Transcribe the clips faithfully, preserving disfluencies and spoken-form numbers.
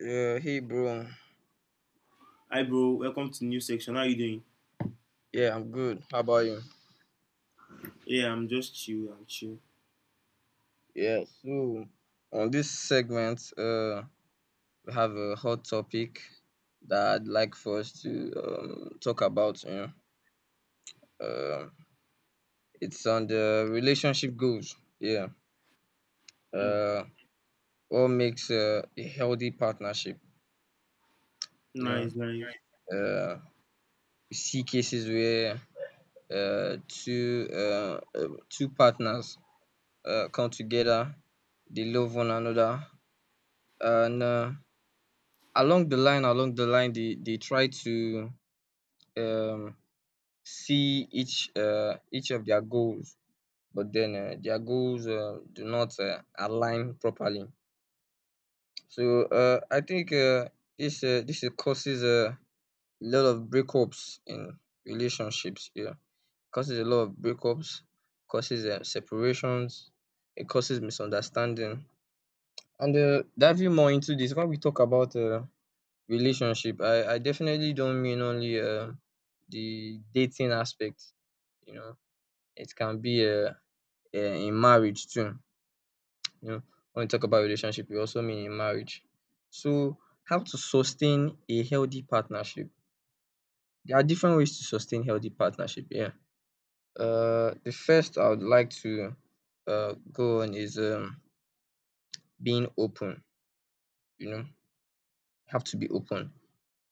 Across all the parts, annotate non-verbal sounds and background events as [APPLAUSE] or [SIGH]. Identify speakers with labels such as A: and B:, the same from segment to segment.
A: Yeah, hey bro.
B: Hi bro, welcome to new section. How you doing?
A: Yeah, I'm good. How about you?
B: Yeah, I'm just chill. I'm chill.
A: Yeah, so on this segment, uh, we have a hot topic that I'd like for us to um, talk about. You know, um, it's on the relationship goals. Yeah,
B: Mm,
A: uh, what makes uh, a healthy partnership? You know,
B: nice, nice.
A: uh, we see cases where uh, two uh, uh, two partners uh, come together, they love one another, and uh, along the line along the line they they try to um see each uh each of their goals, but then uh, their goals uh, do not uh, align properly. So uh, I think uh, this uh, this uh, causes a lot of breakups in relationships, yeah, causes a lot of breakups, causes uh, separations, it causes misunderstanding. And uh diving more into this, when we talk about uh, relationship, I I definitely don't mean only um the dating aspect, you know. It can be um um in marriage too, you know. When we talk about relationship, we also mean in marriage. So how to sustain a healthy partnership? There are different ways to sustain healthy partnership, yeah. Uh, the first I would like to uh go on is um being open, you know. Have to be open.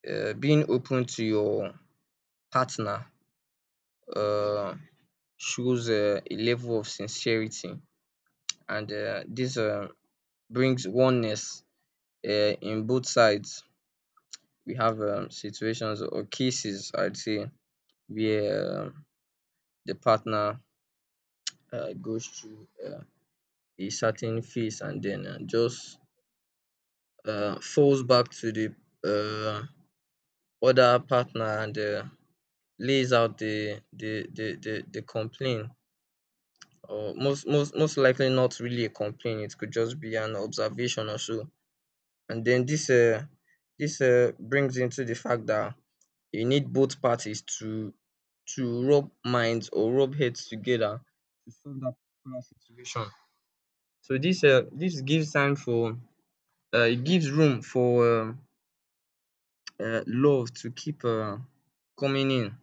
A: Uh, being open to your partner Uh. shows uh, a level of sincerity, and uh, this uh, brings oneness uh, in both sides. We have um, situations or cases, I'd say, where um the partner uh, goes through uh, a certain phase, and then uh, just uh, falls back to the uh, other partner, and uh, lays out the the the the, the complaint. Or most most most likely not really a complaint. It could just be an observation or so. And then this uh, this uh, brings into the fact that you need both parties to to rub minds or rub heads together to solve that particular situation. So this uh, this gives time for, uh, it gives room for um uh, love to keep uh, coming in.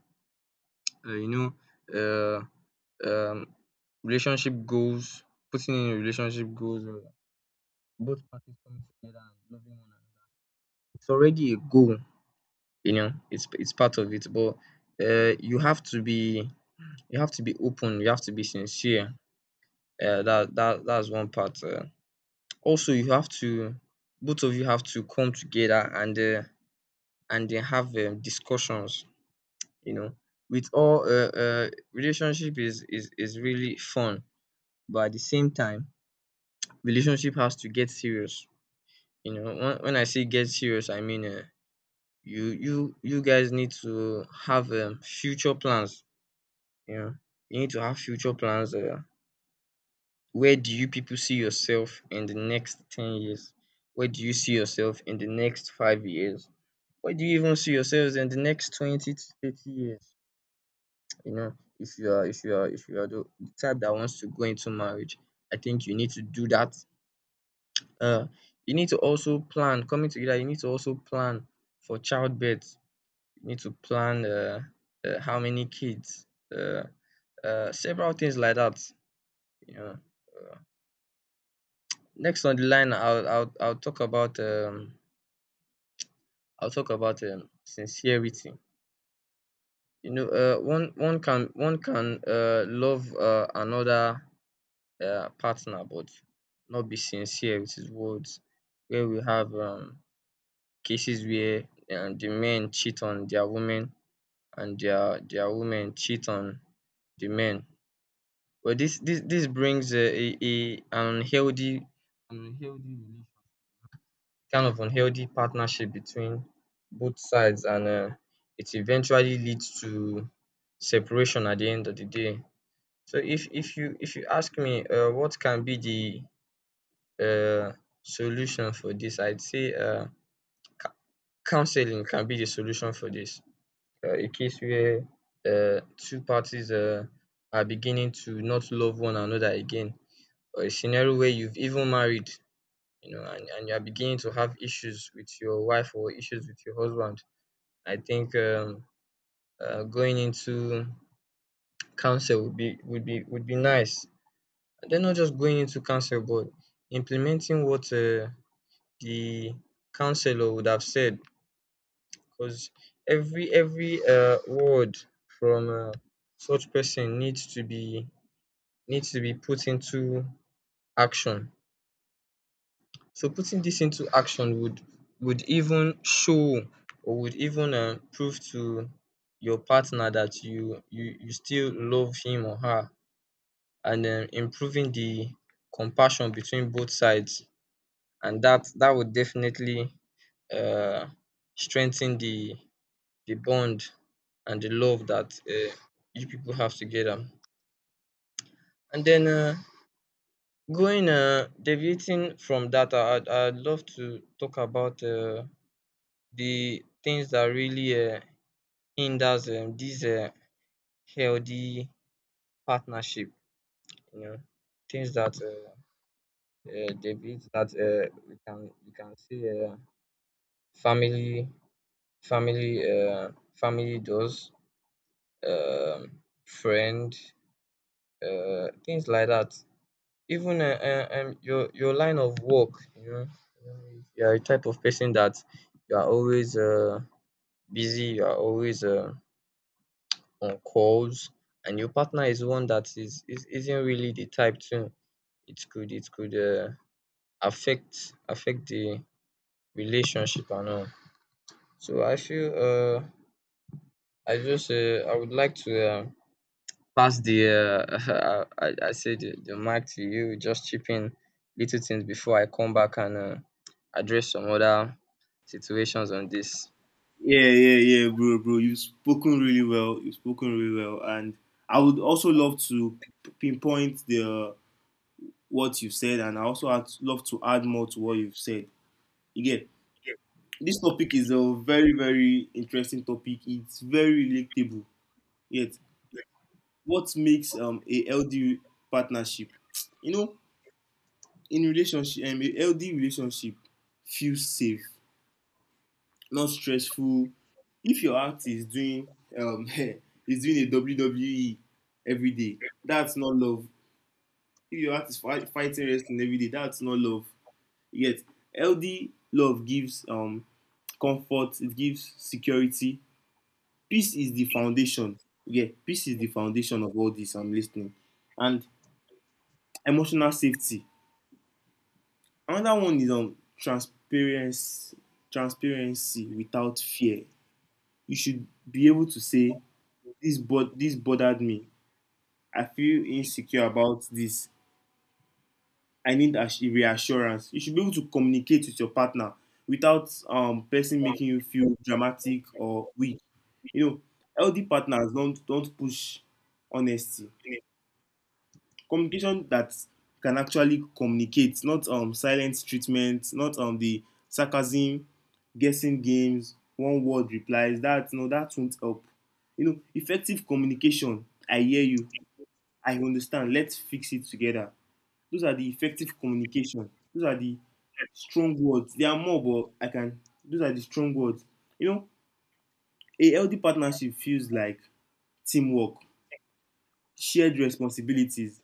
A: Uh, you know, uh, um, Relationship goals, putting in relationship goals, uh, both parties coming together and loving one another. It's already a goal you know it's it's part of it, but uh you have to be, you have to be open, you have to be sincere. uh that that that's one part. Uh also, you have to, both of you have to come together, and uh and then have um discussions you know with all uh uh relationship is is is really fun, but at the same time, relationship has to get serious. You know when when I say get serious, I mean, um you you you guys need to have um future plans. Yeah, you need to have future plans. Uh, where do you people see yourself in the next ten years? Where do you see yourself in the next five years? Where do you even see yourselves in the next twenty to thirty years? You know, if you are if you are if you are the the type that wants to go into marriage, I think you need to do that. Uh, you need to also plan. Coming together, you need to also plan for childbirth. You need to plan, uh, uh how many kids, uh, uh several things like that. You know, Next on the line, I'll I'll I'll talk about um I'll talk about um sincerity. You know, uh, one one can one can uh love uh another uh partner, but not be sincere with his words. Where we have um cases where, um, the men cheat on their women, and their their women cheat on the men. But this this this brings uh, a a unhealthy unhealthy kind of unhealthy partnership between both sides, and um it eventually leads to separation at the end of the day. So if if you if you ask me, um what can be the um solution for this? I'd say, um ca- counselling can be the solution for this. um A case where um two parties um are beginning to not love one another again, or a scenario where you've even married, you know, and and you are beginning to have issues with your wife or issues with your husband. I think, um, uh, going into council would be would be would be nice. And then, not just going into council, but implementing what uh, the councillor would have said. Because every every uh, word from uh, such person needs to be, needs to be put into action. So putting this into action would, would even show, or would even uh, prove to your partner that you you you still love him or her, and um improving the compassion between both sides. And that that would definitely uh, strengthen the the bond and the love that uh, you people have together. And then, uh, going uh, deviating from that, I, I'd, I'd love to talk about uh, the things that really uh, hinders um, this uh, healthy partnership. You know, Things that uh, uh, deviate that uh, we can we can see. Uh, family family uh, family does, um, friend, uh, things like that. Even uh, uh, um, your your line of work you know You are a type of person that you are always uh, busy, you are always uh, on calls, and your partner is one that is, is isn't really the type to. It could it could uh, affect affect the relationship and all. So i feel uh, i just uh, i would like to, um, pass the, uh, [LAUGHS] I, I say the, the mic to you. Just chip in little things before I come back and uh, address some other situations on this.
B: Yeah, yeah, yeah, bro, bro. You've spoken really well. You've spoken really well, and I would also love to p- pinpoint the what you've said, and I also had love to add more to what you've said. Again, this topic is a very, very interesting topic. It's very relatable. Yet, what makes um a healthy partnership? You know, in relationship, um, a healthy relationship feels safe, not stressful. If your act is doing um [LAUGHS] is doing a W W E every day, that's not love. If your act is fight, fighting wrestling every day, that's not love. Yet healthy love gives um comfort, it gives security. Peace is the foundation. Yeah, peace is the foundation of all this. I'm listening. And emotional safety. Another one is on transparency transparency without fear. You should be able to say, this but this bothered me. I feel insecure about this. I need ass- reassurance. You should be able to communicate with your partner without um person making you feel dramatic or weak. You know, healthy partners don't don't push honesty. Communication that can actually communicate, not um silent treatment, not um the sarcasm, guessing games, one word replies. That no, that won't help. You know, effective communication. I hear you. I understand. Let's fix it together. Those are the effective communication. Those are the strong words. There are more, but I can. Those are the strong words. You know, a healthy partnership feels like teamwork, shared responsibilities,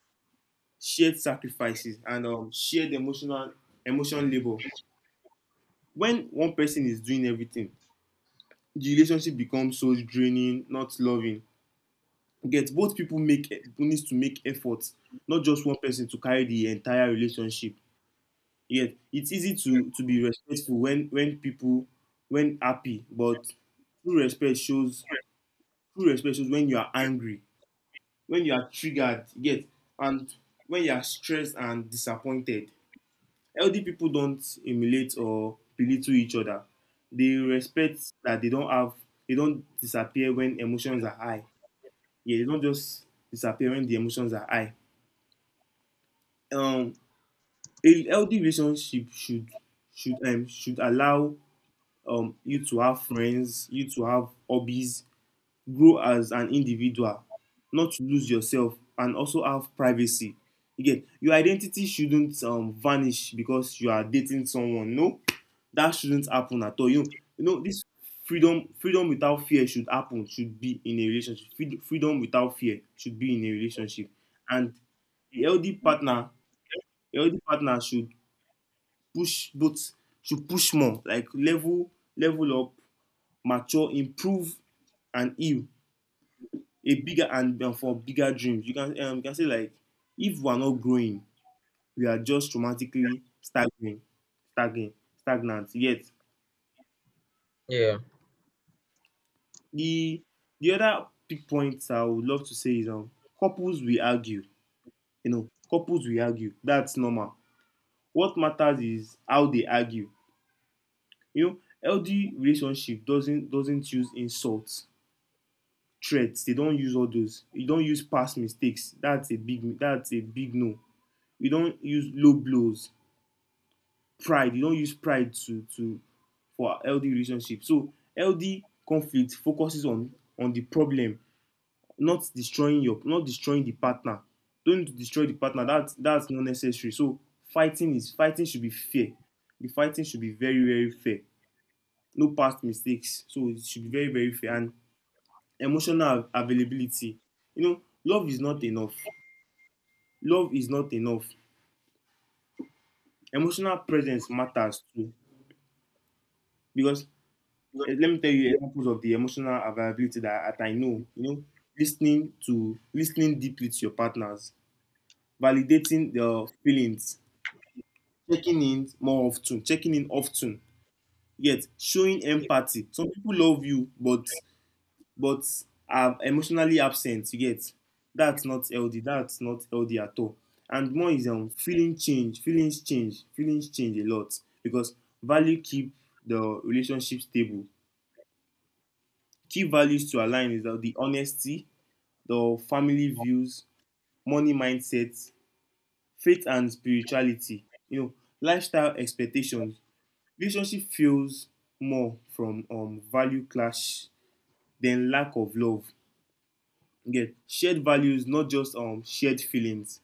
B: shared sacrifices, and um, shared emotional emotional labor. When one person is doing everything, the relationship becomes so draining, not loving. Get both people make needs to make efforts, not just one person to carry the entire relationship. Yeah, it's easy to to be respectful when when people when happy, but true respect shows true respect shows when you are angry, when you are triggered, you get, and when you are stressed and disappointed. Healthy people don't emulate or belittle each other. They respect that they don't have they don't disappear when emotions are high. Yeah, they don't just disappear when the emotions are high. Um, a healthy relationship should should um should allow um, you to have friends, you to have hobbies, grow as an individual, not to lose yourself, and also have privacy. Again, your identity shouldn't um, vanish because you are dating someone. No, that shouldn't happen at all. You know, you know this freedom, freedom without fear should happen. Should be in a relationship. Freed- Freedom without fear should be in a relationship, and a healthy partner, a healthy partner should push both should push more, like level level up mature, improve, and heal a bigger and, and for bigger dreams. You can um, you can say like if we are not growing, we are just traumatically stagnant, stagnant, stagnant. Yet
A: Yeah.
B: the the other big point I would love to say is um couples will argue. You know, couples will argue. That's normal. What matters is how they argue. You know, healthy relationship doesn't doesn't use insults, threats. They don't use all those. You don't use past mistakes. That's a big that's a big no. You don't use low blows. Pride. You don't use pride to to for LD relationship. So L D conflict focuses on on the problem, not destroying your not destroying the partner. Don't destroy the partner. That's that's not necessary. So fighting is fighting should be fair. The fighting should be very, very fair. No past mistakes. So it should be very, very fair and emotional availability. You know, love is not enough. Love is not enough. Emotional presence matters too. Because eh, let me tell you examples of the emotional availability that, that I know. You know, listening to listening deeply to your partners, validating their feelings, checking in more often, checking in often. Yet showing empathy. Some people love you, but but are emotionally absent you get, that's not healthy, that's not healthy at all. And one is um, feeling change feelings change feelings change a lot because value keep the relationship stable. Key values to align is the the honesty, the family views, money mindset, faith and spirituality, you know, lifestyle expectations. Relationship feels more from um, value clash than lack of love. You get shared values, not just um shared feelings.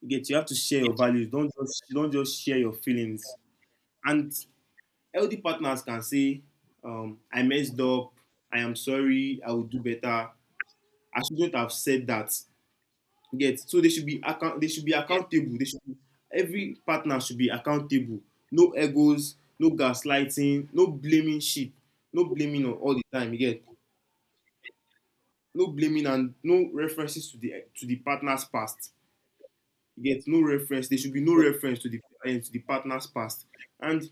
B: You get you have to share your values. Don't just don't just share your feelings. And healthy partners can say, um, I messed up. I am sorry. I will do better. I shouldn't have said that. You get so they should be account. They should be accountable. They should be, every partner should be accountable. No egos. No gaslighting. No blaming shit. No blaming all all the time. You get no blaming and no references to the to the partner's past. You get no reference. There should be no reference to the uh, to the partner's past. And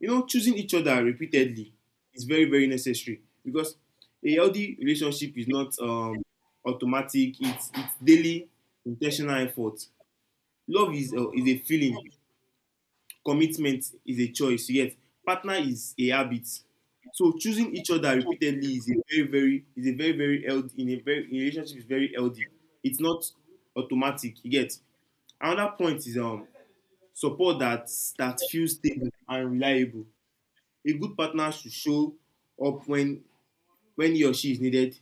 B: you know, choosing each other repeatedly is very, very necessary because a healthy relationship is not um, automatic. It's it's daily intentional effort. Love is uh, is a feeling. Commitment is a choice. Yet partner is a habit. So choosing each other repeatedly is a very very is a very very healthy in a very in a relationship is very healthy. It's not automatic. You get another point is um support that that feels stable and reliable. A good partner should show up when when he or she is needed.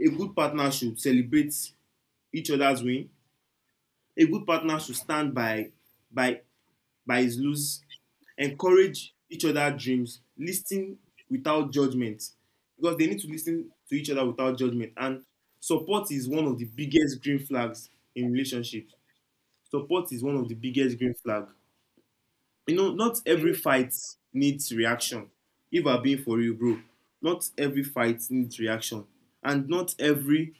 B: A good partner should celebrate each other's win. A good partner should stand by by by his lose, encourage each other's dreams, listen without judgment because they need to listen to each other without judgment. And support is one of the biggest green flags in relationships. Support is one of the biggest green flag. You know, not every fight needs reaction. If I'm being for real, bro, not every fight needs reaction, and not every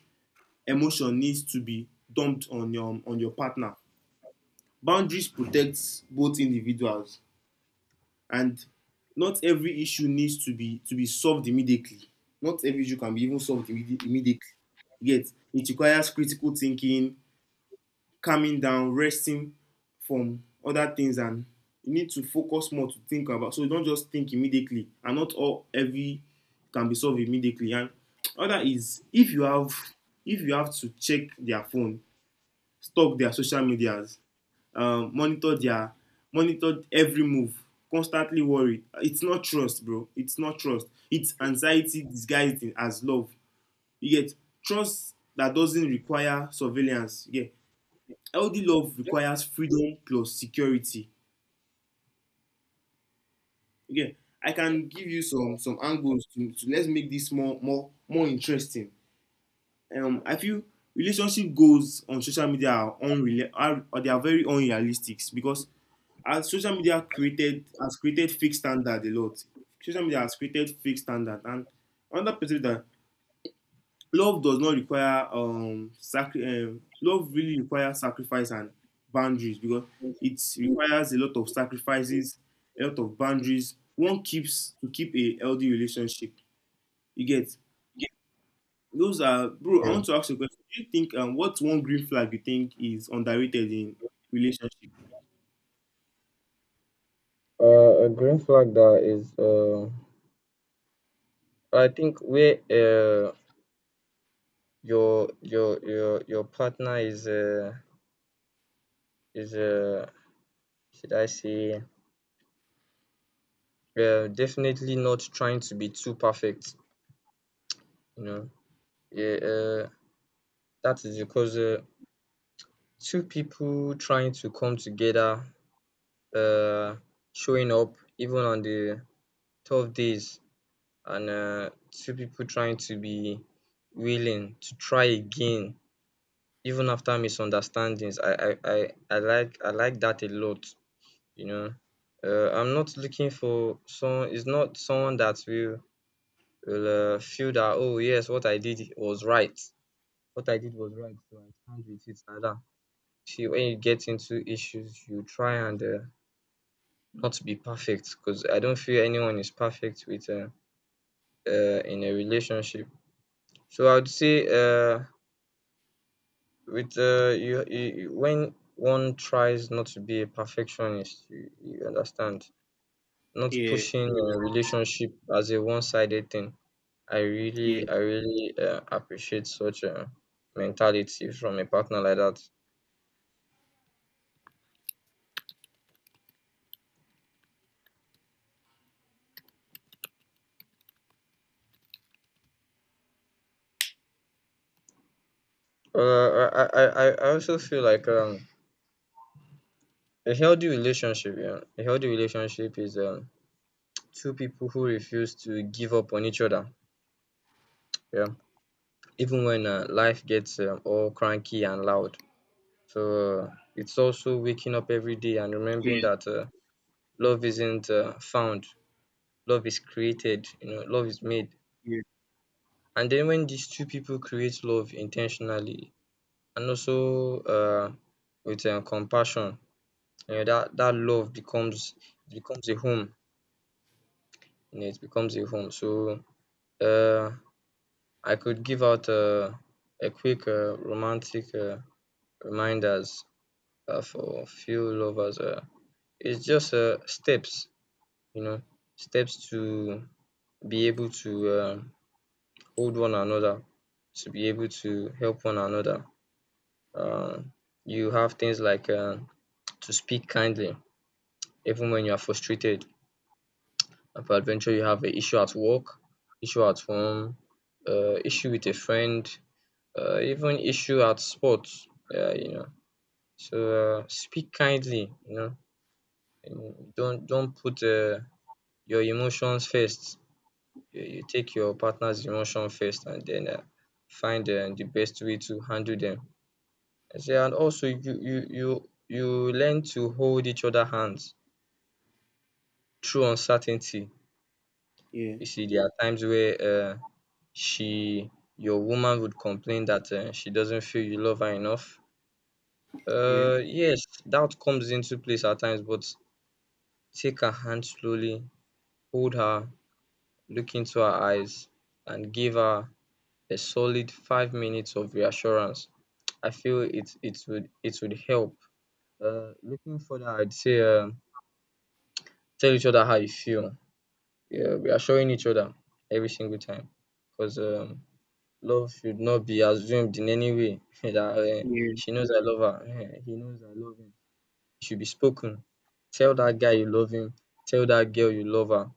B: emotion needs to be dumped on your on your partner. Boundaries protect both individuals, and not every issue needs to be to be solved immediately. Not every issue can be even solved immedi- immediately. Yet, it requires critical thinking, calming down, resting from other things and you need to focus more to think about. So you don't just think immediately and not all every can be solved immediately. And other is if you have if you have to check their phone, stalk their social medias, um, monitor their monitor every move, constantly worry. It's not trust, bro. It's not trust. It's anxiety disguised in- as love. You get trust that doesn't require surveillance. Yeah, healthy love requires freedom plus security. Okay, I can give you some some angles to, to let's make this more more more interesting. um I feel relationship goals on social media are unreal are or they are very unrealistic because as social media created has created fake standard a lot. Social media has created fake standard. And another perspective that love does not require um, sacri- um love really requires sacrifice and boundaries because it requires a lot of sacrifices, a lot of boundaries one keeps to keep a healthy relationship, you get. Those are bro, I
A: Okay.
B: want to ask you a question. Do you think um what's one green flag you think is underrated in relationship?
A: Uh, a green flag that is, uh, I think where uh, your your your your partner is, uh, is uh, should I say, uh, definitely not trying to be too perfect, you know. Yeah, uh, that is because uh, two people trying to come together, uh, showing up even on the tough days, and uh, two people trying to be willing to try again even after misunderstandings. I I, I, I like I like that a lot, you know. Uh, I'm not looking for someone. It's not someone that will will uh, feel that, oh yes, what I did was right. What I did was right, so I stand with it like that. See, when you get into issues, you try and uh, not to be perfect, because I don't feel anyone is perfect with uh, uh in a relationship. So I'd say, uh with uh you, you, when one tries not to be a perfectionist, you, you understand, not
B: Yeah,
A: pushing a relationship as a one-sided thing. I
B: yeah,
A: really I really uh, appreciate such a mentality from a partner like that. Uh, I, I, I I also feel like, um a healthy relationship, yeah, a healthy relationship is, um two people who refuse to give up on each other. Yeah, even when uh, life gets, um, all cranky and loud. So uh, it's also waking up every day and remembering
B: yeah,
A: that uh, love isn't uh, found, love is created. You know, love is made.
B: yeah,
A: And then, when these two people create love intentionally, and also uh, with um, compassion, you know that that love becomes, it becomes a home. You know, it becomes a home. So uh, I could give out uh, a quick uh, romantic uh, reminders uh, for few lovers. Uh, it's just uh, steps, you know, steps to be able to uh, hold one another, to be able to help one another. Uh, you have things like, uh, to speak kindly, even when you are frustrated. And peradventure, you have an issue at work, issue at home, uh, issue with a friend, uh, even issue at sports. Yeah, you know So, uh, speak kindly, you know, and don't don't put uh, your emotions first. You, you take your partner's emotion first, and then uh, find uh, the best way to handle them. I say, and also you you you you learn to hold each other hands through uncertainty.
B: yeah,
A: You see, there are times where uh, she your woman would complain that uh, she doesn't feel you love her enough.
B: yeah,
A: Uh, yes, doubt comes into place at times, but take her hand slowly, hold her, look into her eyes, and give her a solid five minutes of reassurance. I feel it it would it would help. Uh, looking further, I'd say, um tell each other how you feel. Yeah, reassuring each other every single time, because, um, love should not be assumed in any way. [LAUGHS] that uh,
B: yeah,
A: she knows I love her. [LAUGHS] Eh, he knows I love him. It should be spoken. Tell that guy you love him. Tell that girl you love her.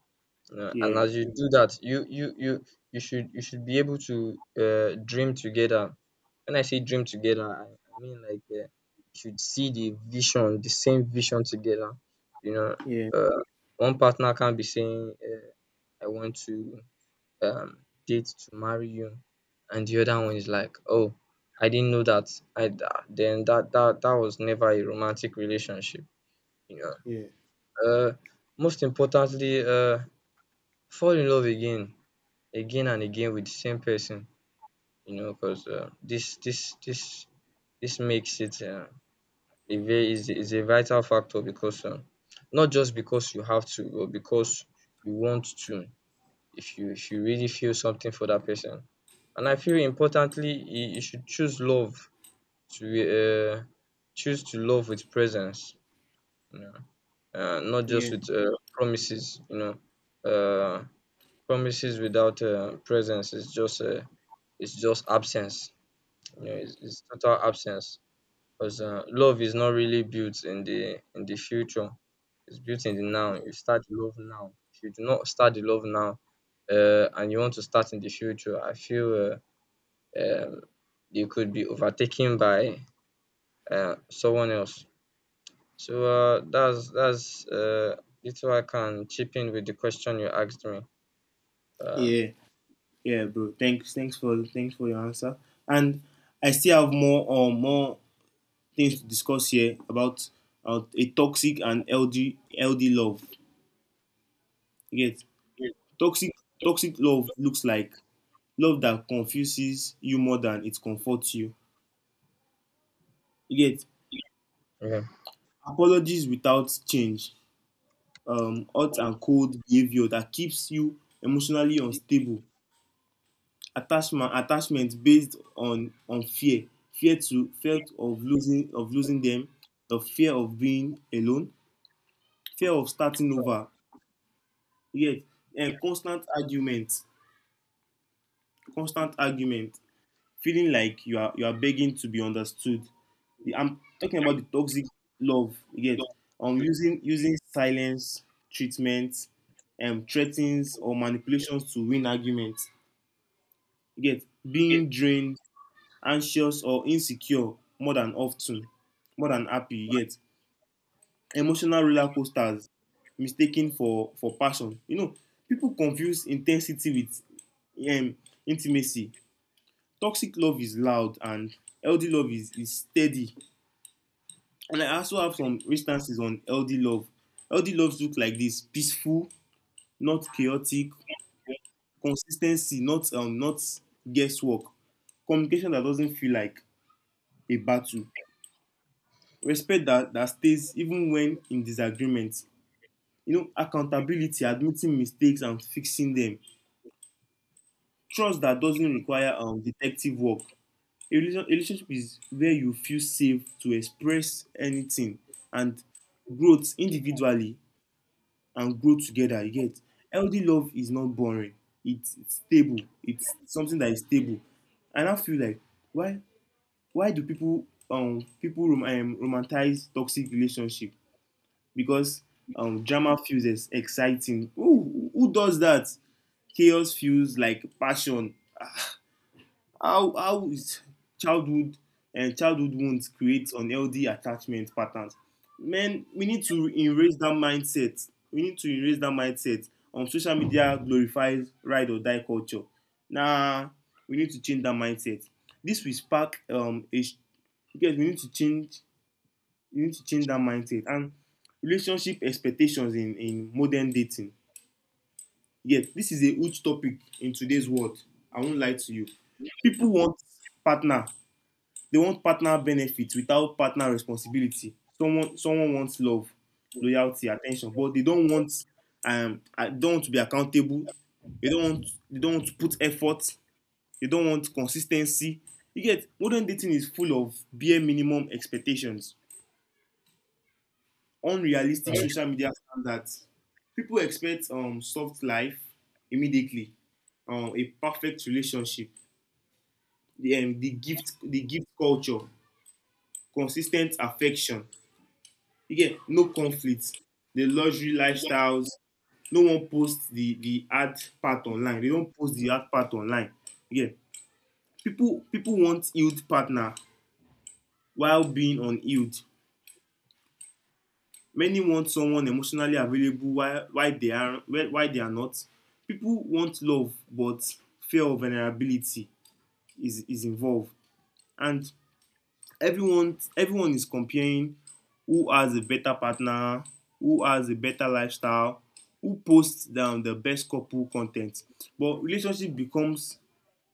A: Yeah, and
B: yeah,
A: as you do that, you you you you should you should be able to uh, dream together. When I say dream together, I, I mean like uh, you should see the vision, the same vision together. You know,
B: yeah,
A: uh, one partner can't be saying, uh, "I want to um, date to marry you," and the other one is like, "Oh, I didn't know that." I tha- then that that that was never a romantic relationship. You know,
B: yeah,
A: uh, most importantly, uh, fall in love again again and again with the same person, you know, because uh, this this this this makes it uh, a very is is a vital factor because um, not just because you have to, but because you want to. If you if you really feel something for that person, and I feel importantly, you, you should choose love to uh, choose to love with presence, you know, uh, not just
B: yeah,
A: with uh, promises, you know. Uh, Promises without uh, presence is just uh, it's just absence. You know, it's, it's total absence because uh, love is not really built in the in the future. It's built in the now. You start the love now. If you do not start the love now, uh, and you want to start in the future, I feel uh, um, you could be overtaken by uh, someone else. So uh, that's that's uh, little I can chip in with the question you asked me. Uh,
B: yeah. Yeah, bro. Thanks, thanks for thanks for your answer. And I still have more or more things to discuss here about uh, a toxic and LD L D love. Yes, toxic toxic love looks like love that confuses you more than it comforts you. Yet
A: yeah.
B: apologies without change, um, hot and cold behavior that keeps you emotionally unstable, attachment attachment based on on fear, fear to fear of losing of losing them, of fear of being alone, fear of starting over, yes, and constant argument constant argument, feeling like you are you are begging to be understood. The- I'm talking about the toxic love. You get um using using silence treatment, um threats or manipulations to win arguments. You get
A: Okay.
B: being drained, anxious or insecure more than often, more than happy, yet emotional roller coasters mistaken for for passion. You know, people confuse intensity with um, intimacy. Toxic love is loud, and healthy love is is steady. And I also have some instances on healthy love. Healthy loves look like this: peaceful, not chaotic, consistency, not um not guesswork, communication that doesn't feel like a battle, respect that that stays even when in disagreement, you know, accountability, admitting mistakes and fixing them, trust that doesn't require um, detective work, a relation- a relationship is where you feel safe to express anything, and growth individually and grow together. You get healthy love is not boring. It's, it's stable. It's something that is stable. And I now feel like, why why do people, um people rom- um, romanticize toxic relationship? Because um, drama feels ex- exciting. Who, who does that? Chaos feels like passion. How how is childhood, and uh, childhood wounds create unhealthy attachment patterns? Man, we need to erase that mindset. We need to erase that mindset. Um, social media glorifies ride or die culture. Nah, we need to change that mindset. This will spark um a sh- because we need to change, you need to change that mindset and relationship expectations in in modern dating. Yes, this is a huge topic in today's world. I won't lie to you. People want partner, they want partner benefits without partner responsibility. Someone someone wants love, loyalty, attention, but they don't want, um uh, don't want to be accountable. They don't want they don't want to put effort. They don't want consis ten cy. You get modern dating is full of bare minimum expectations, unrealistic
A: Mm.
B: social media standards. People expect um, soft life immediately, um, a perfect relationship, the, um, the gift, the gift culture, consistent affection. Again, no conflicts, the luxury lifestyles. No one posts the the hard part online. They don't post the hard part online. Again, people people want healed partner while being unhealed. Many want someone emotionally available while, while, they are, while they are not. People want love, but fear of vulnerability is, is involved. And everyone, everyone is comparing who has a better partner, who has a better lifestyle, who posts down the best couple content. But relationship becomes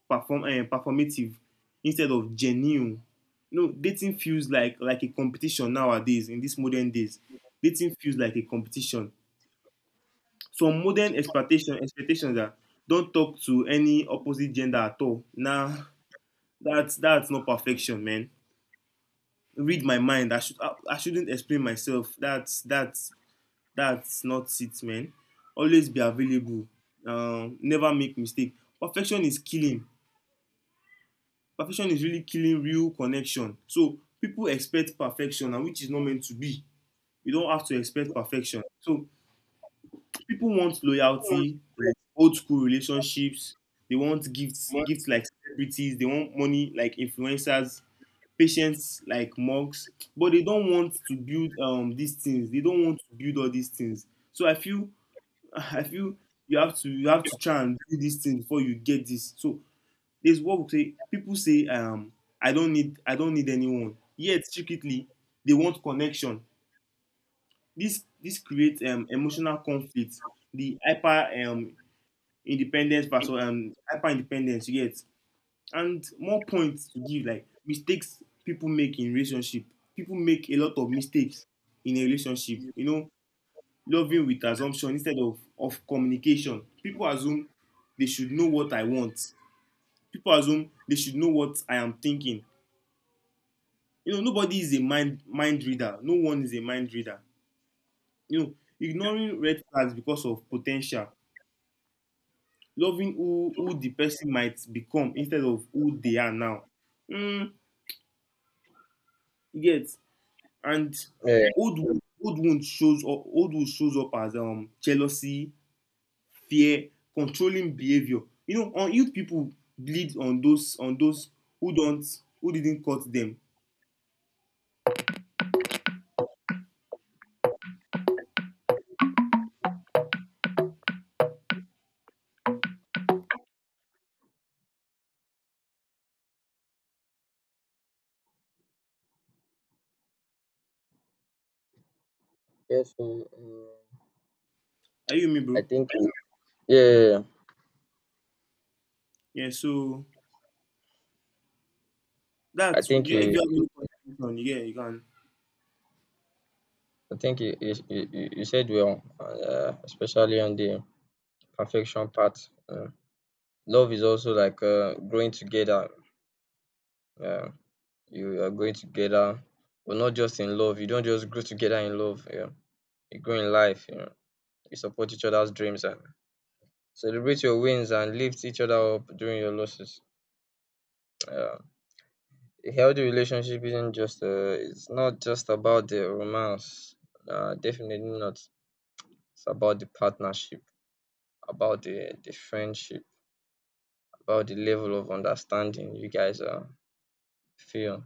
B: perform, uh, performative instead of genuine. You know, dating feels like like a competition nowadays in these modern days. Dating feels like a competition. Some modern expectation expectations that don't talk to any opposite gender at all. Nah, that's that's not perfection, man. Read my mind. I should I, I shouldn't explain myself. That's that's that's not it, man. Always be available. Um, never make mistake. Perfection is killing. Perfection is really killing real connection. So people expect perfection, and which is not meant to be. You don't have to expect perfection. So people want loyalty, like old school relationships. They want gifts, gifts like celebrities. They want money like influencers, patience like mugs. But they don't want to build um these things. They don't want to build all these things. So I feel, [LAUGHS] I feel you have to you have to try and do these things before you get this. So there's what we say. People say um I don't need I don't need anyone. Yet secretly they want connection. This this creates um, emotional conflict. The hyper um, independence versus um, hyper independence. You get and more points to give, like mistakes people make in relationship. People make a lot of mistakes in a relationship, you know, loving with assumption instead of of communication. People assume they should know what I want. People assume they should know what I am thinking. You know, nobody is a mind mind reader. No one is a mind reader, you know. Ignoring red flags because of potential, loving who who the person might become instead of who they are now. Mm, you, and
A: Yeah.
B: old wo- old wound shows up old wound shows up as um jealousy, fear, controlling behavior. You know, on youth, people bleed on those on those who don't, who didn't cut them.
A: Yes, um, um,
B: Are you with me,
A: I
B: bro?
A: think you, yeah, yeah, yeah.
B: Yeah. So
A: I
B: that's, if
A: think
B: you have
A: you,
B: any question, yeah, you can.
A: I think you, you, you you you said well, uh, especially on the perfection part. Uh, love is also like uh, growing together. Yeah, you are growing together, but not just in love. You don't just grow together in love. Yeah, you grow in life. You know, you support each other's dreams and celebrate your wins and lift each other up during your losses. Yeah. A healthy relationship isn't just uh, it's not just about the romance. Uh, definitely not. It's about the partnership, about the the friendship, about the level of understanding you guys uh, feel.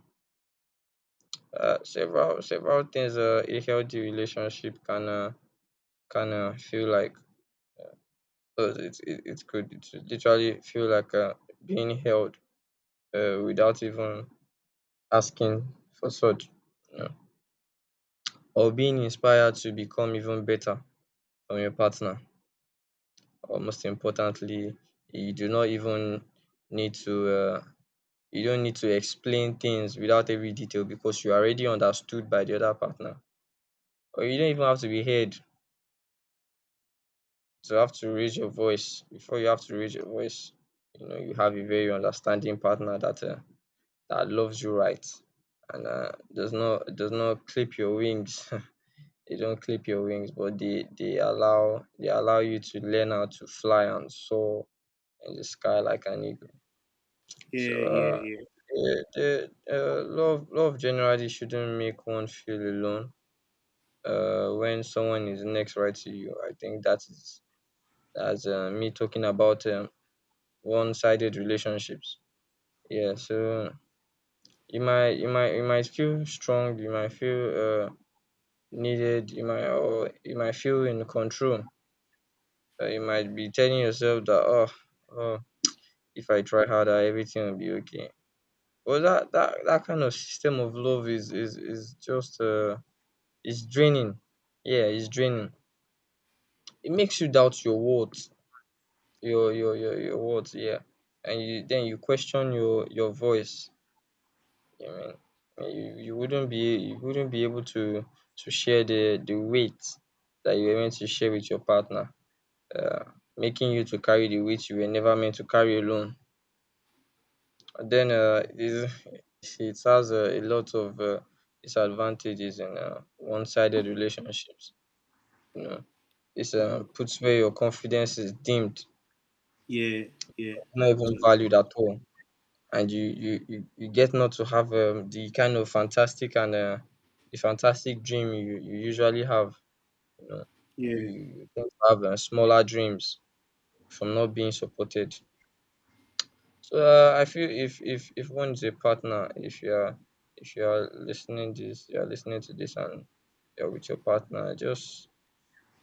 A: Uh, several several things uh, a healthy relationship can uh, can uh, feel like. Uh, it, it it could literally feel like uh, being held uh, without even asking for such, you know, or being inspired to become even better from your partner, or most importantly, you do not even need to uh, you don't need to explain things without every detail because you are already understood by the other partner. Or you don't even have to be heard to have to raise your voice. Before you have to raise your voice, you know you have a very understanding partner that uh, that loves you right and uh, does not does not clip your wings. [LAUGHS] They don't clip your wings, but they they allow they allow you to learn how to fly and soar in the sky like an eagle. So
B: Yeah, yeah,
A: uh,
B: yeah,
A: the, the uh, love love generally shouldn't make one feel alone. Uh, when someone is next right to you, I think that is that's uh, me talking about um, one-sided relationships. Yeah, so you might you might you might feel strong, you might feel uh, needed, you might, or you might feel in control. Uh, you might be telling yourself that oh, oh, if I try harder, everything will be okay. Well, that that that kind of system of love is is is just, uh it's draining. Yeah, it's draining. It makes you doubt your worth, your your your your worth. Yeah, and you then you question your your voice. I mean, and you you wouldn't be you wouldn't be able to to share the the weight that you were meant to share with your partner, uh, making you to carry the weight you were never meant to carry alone. And then uh, is [LAUGHS] it has a, a lot of uh, disadvantages in uh, one-sided relationships. You know, it's uh, puts where your confidence is dimmed,
B: yeah, yeah.
A: not even
B: Actually,
A: valued at all, and you you you, you get not to have um, the kind of fantastic and uh, the fantastic dream you you usually have. You know, you,
B: yeah.
A: you tend to have uh, smaller dreams from not being supported. So uh, I feel if if if one's a partner, if you're if you're listening this, you're listening to this, and you're with your partner, just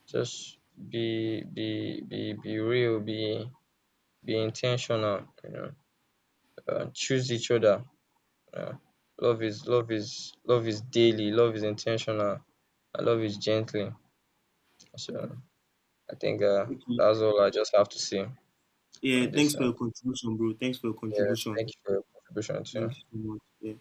A: just be be be be real, be be intentional. You know, uh, choose each other. Uh, love is love is love is daily. Love is intentional. And love is gently. So I think uh,
B: Okay.
A: that's all I just have to say
B: Yeah.
A: on
B: Thanks
A: this.
B: for your
A: And
B: contribution, bro. Thanks for your
A: yeah,
B: contribution.
A: thank you for your contribution
B: Thank
A: too.
B: you so much. Yeah.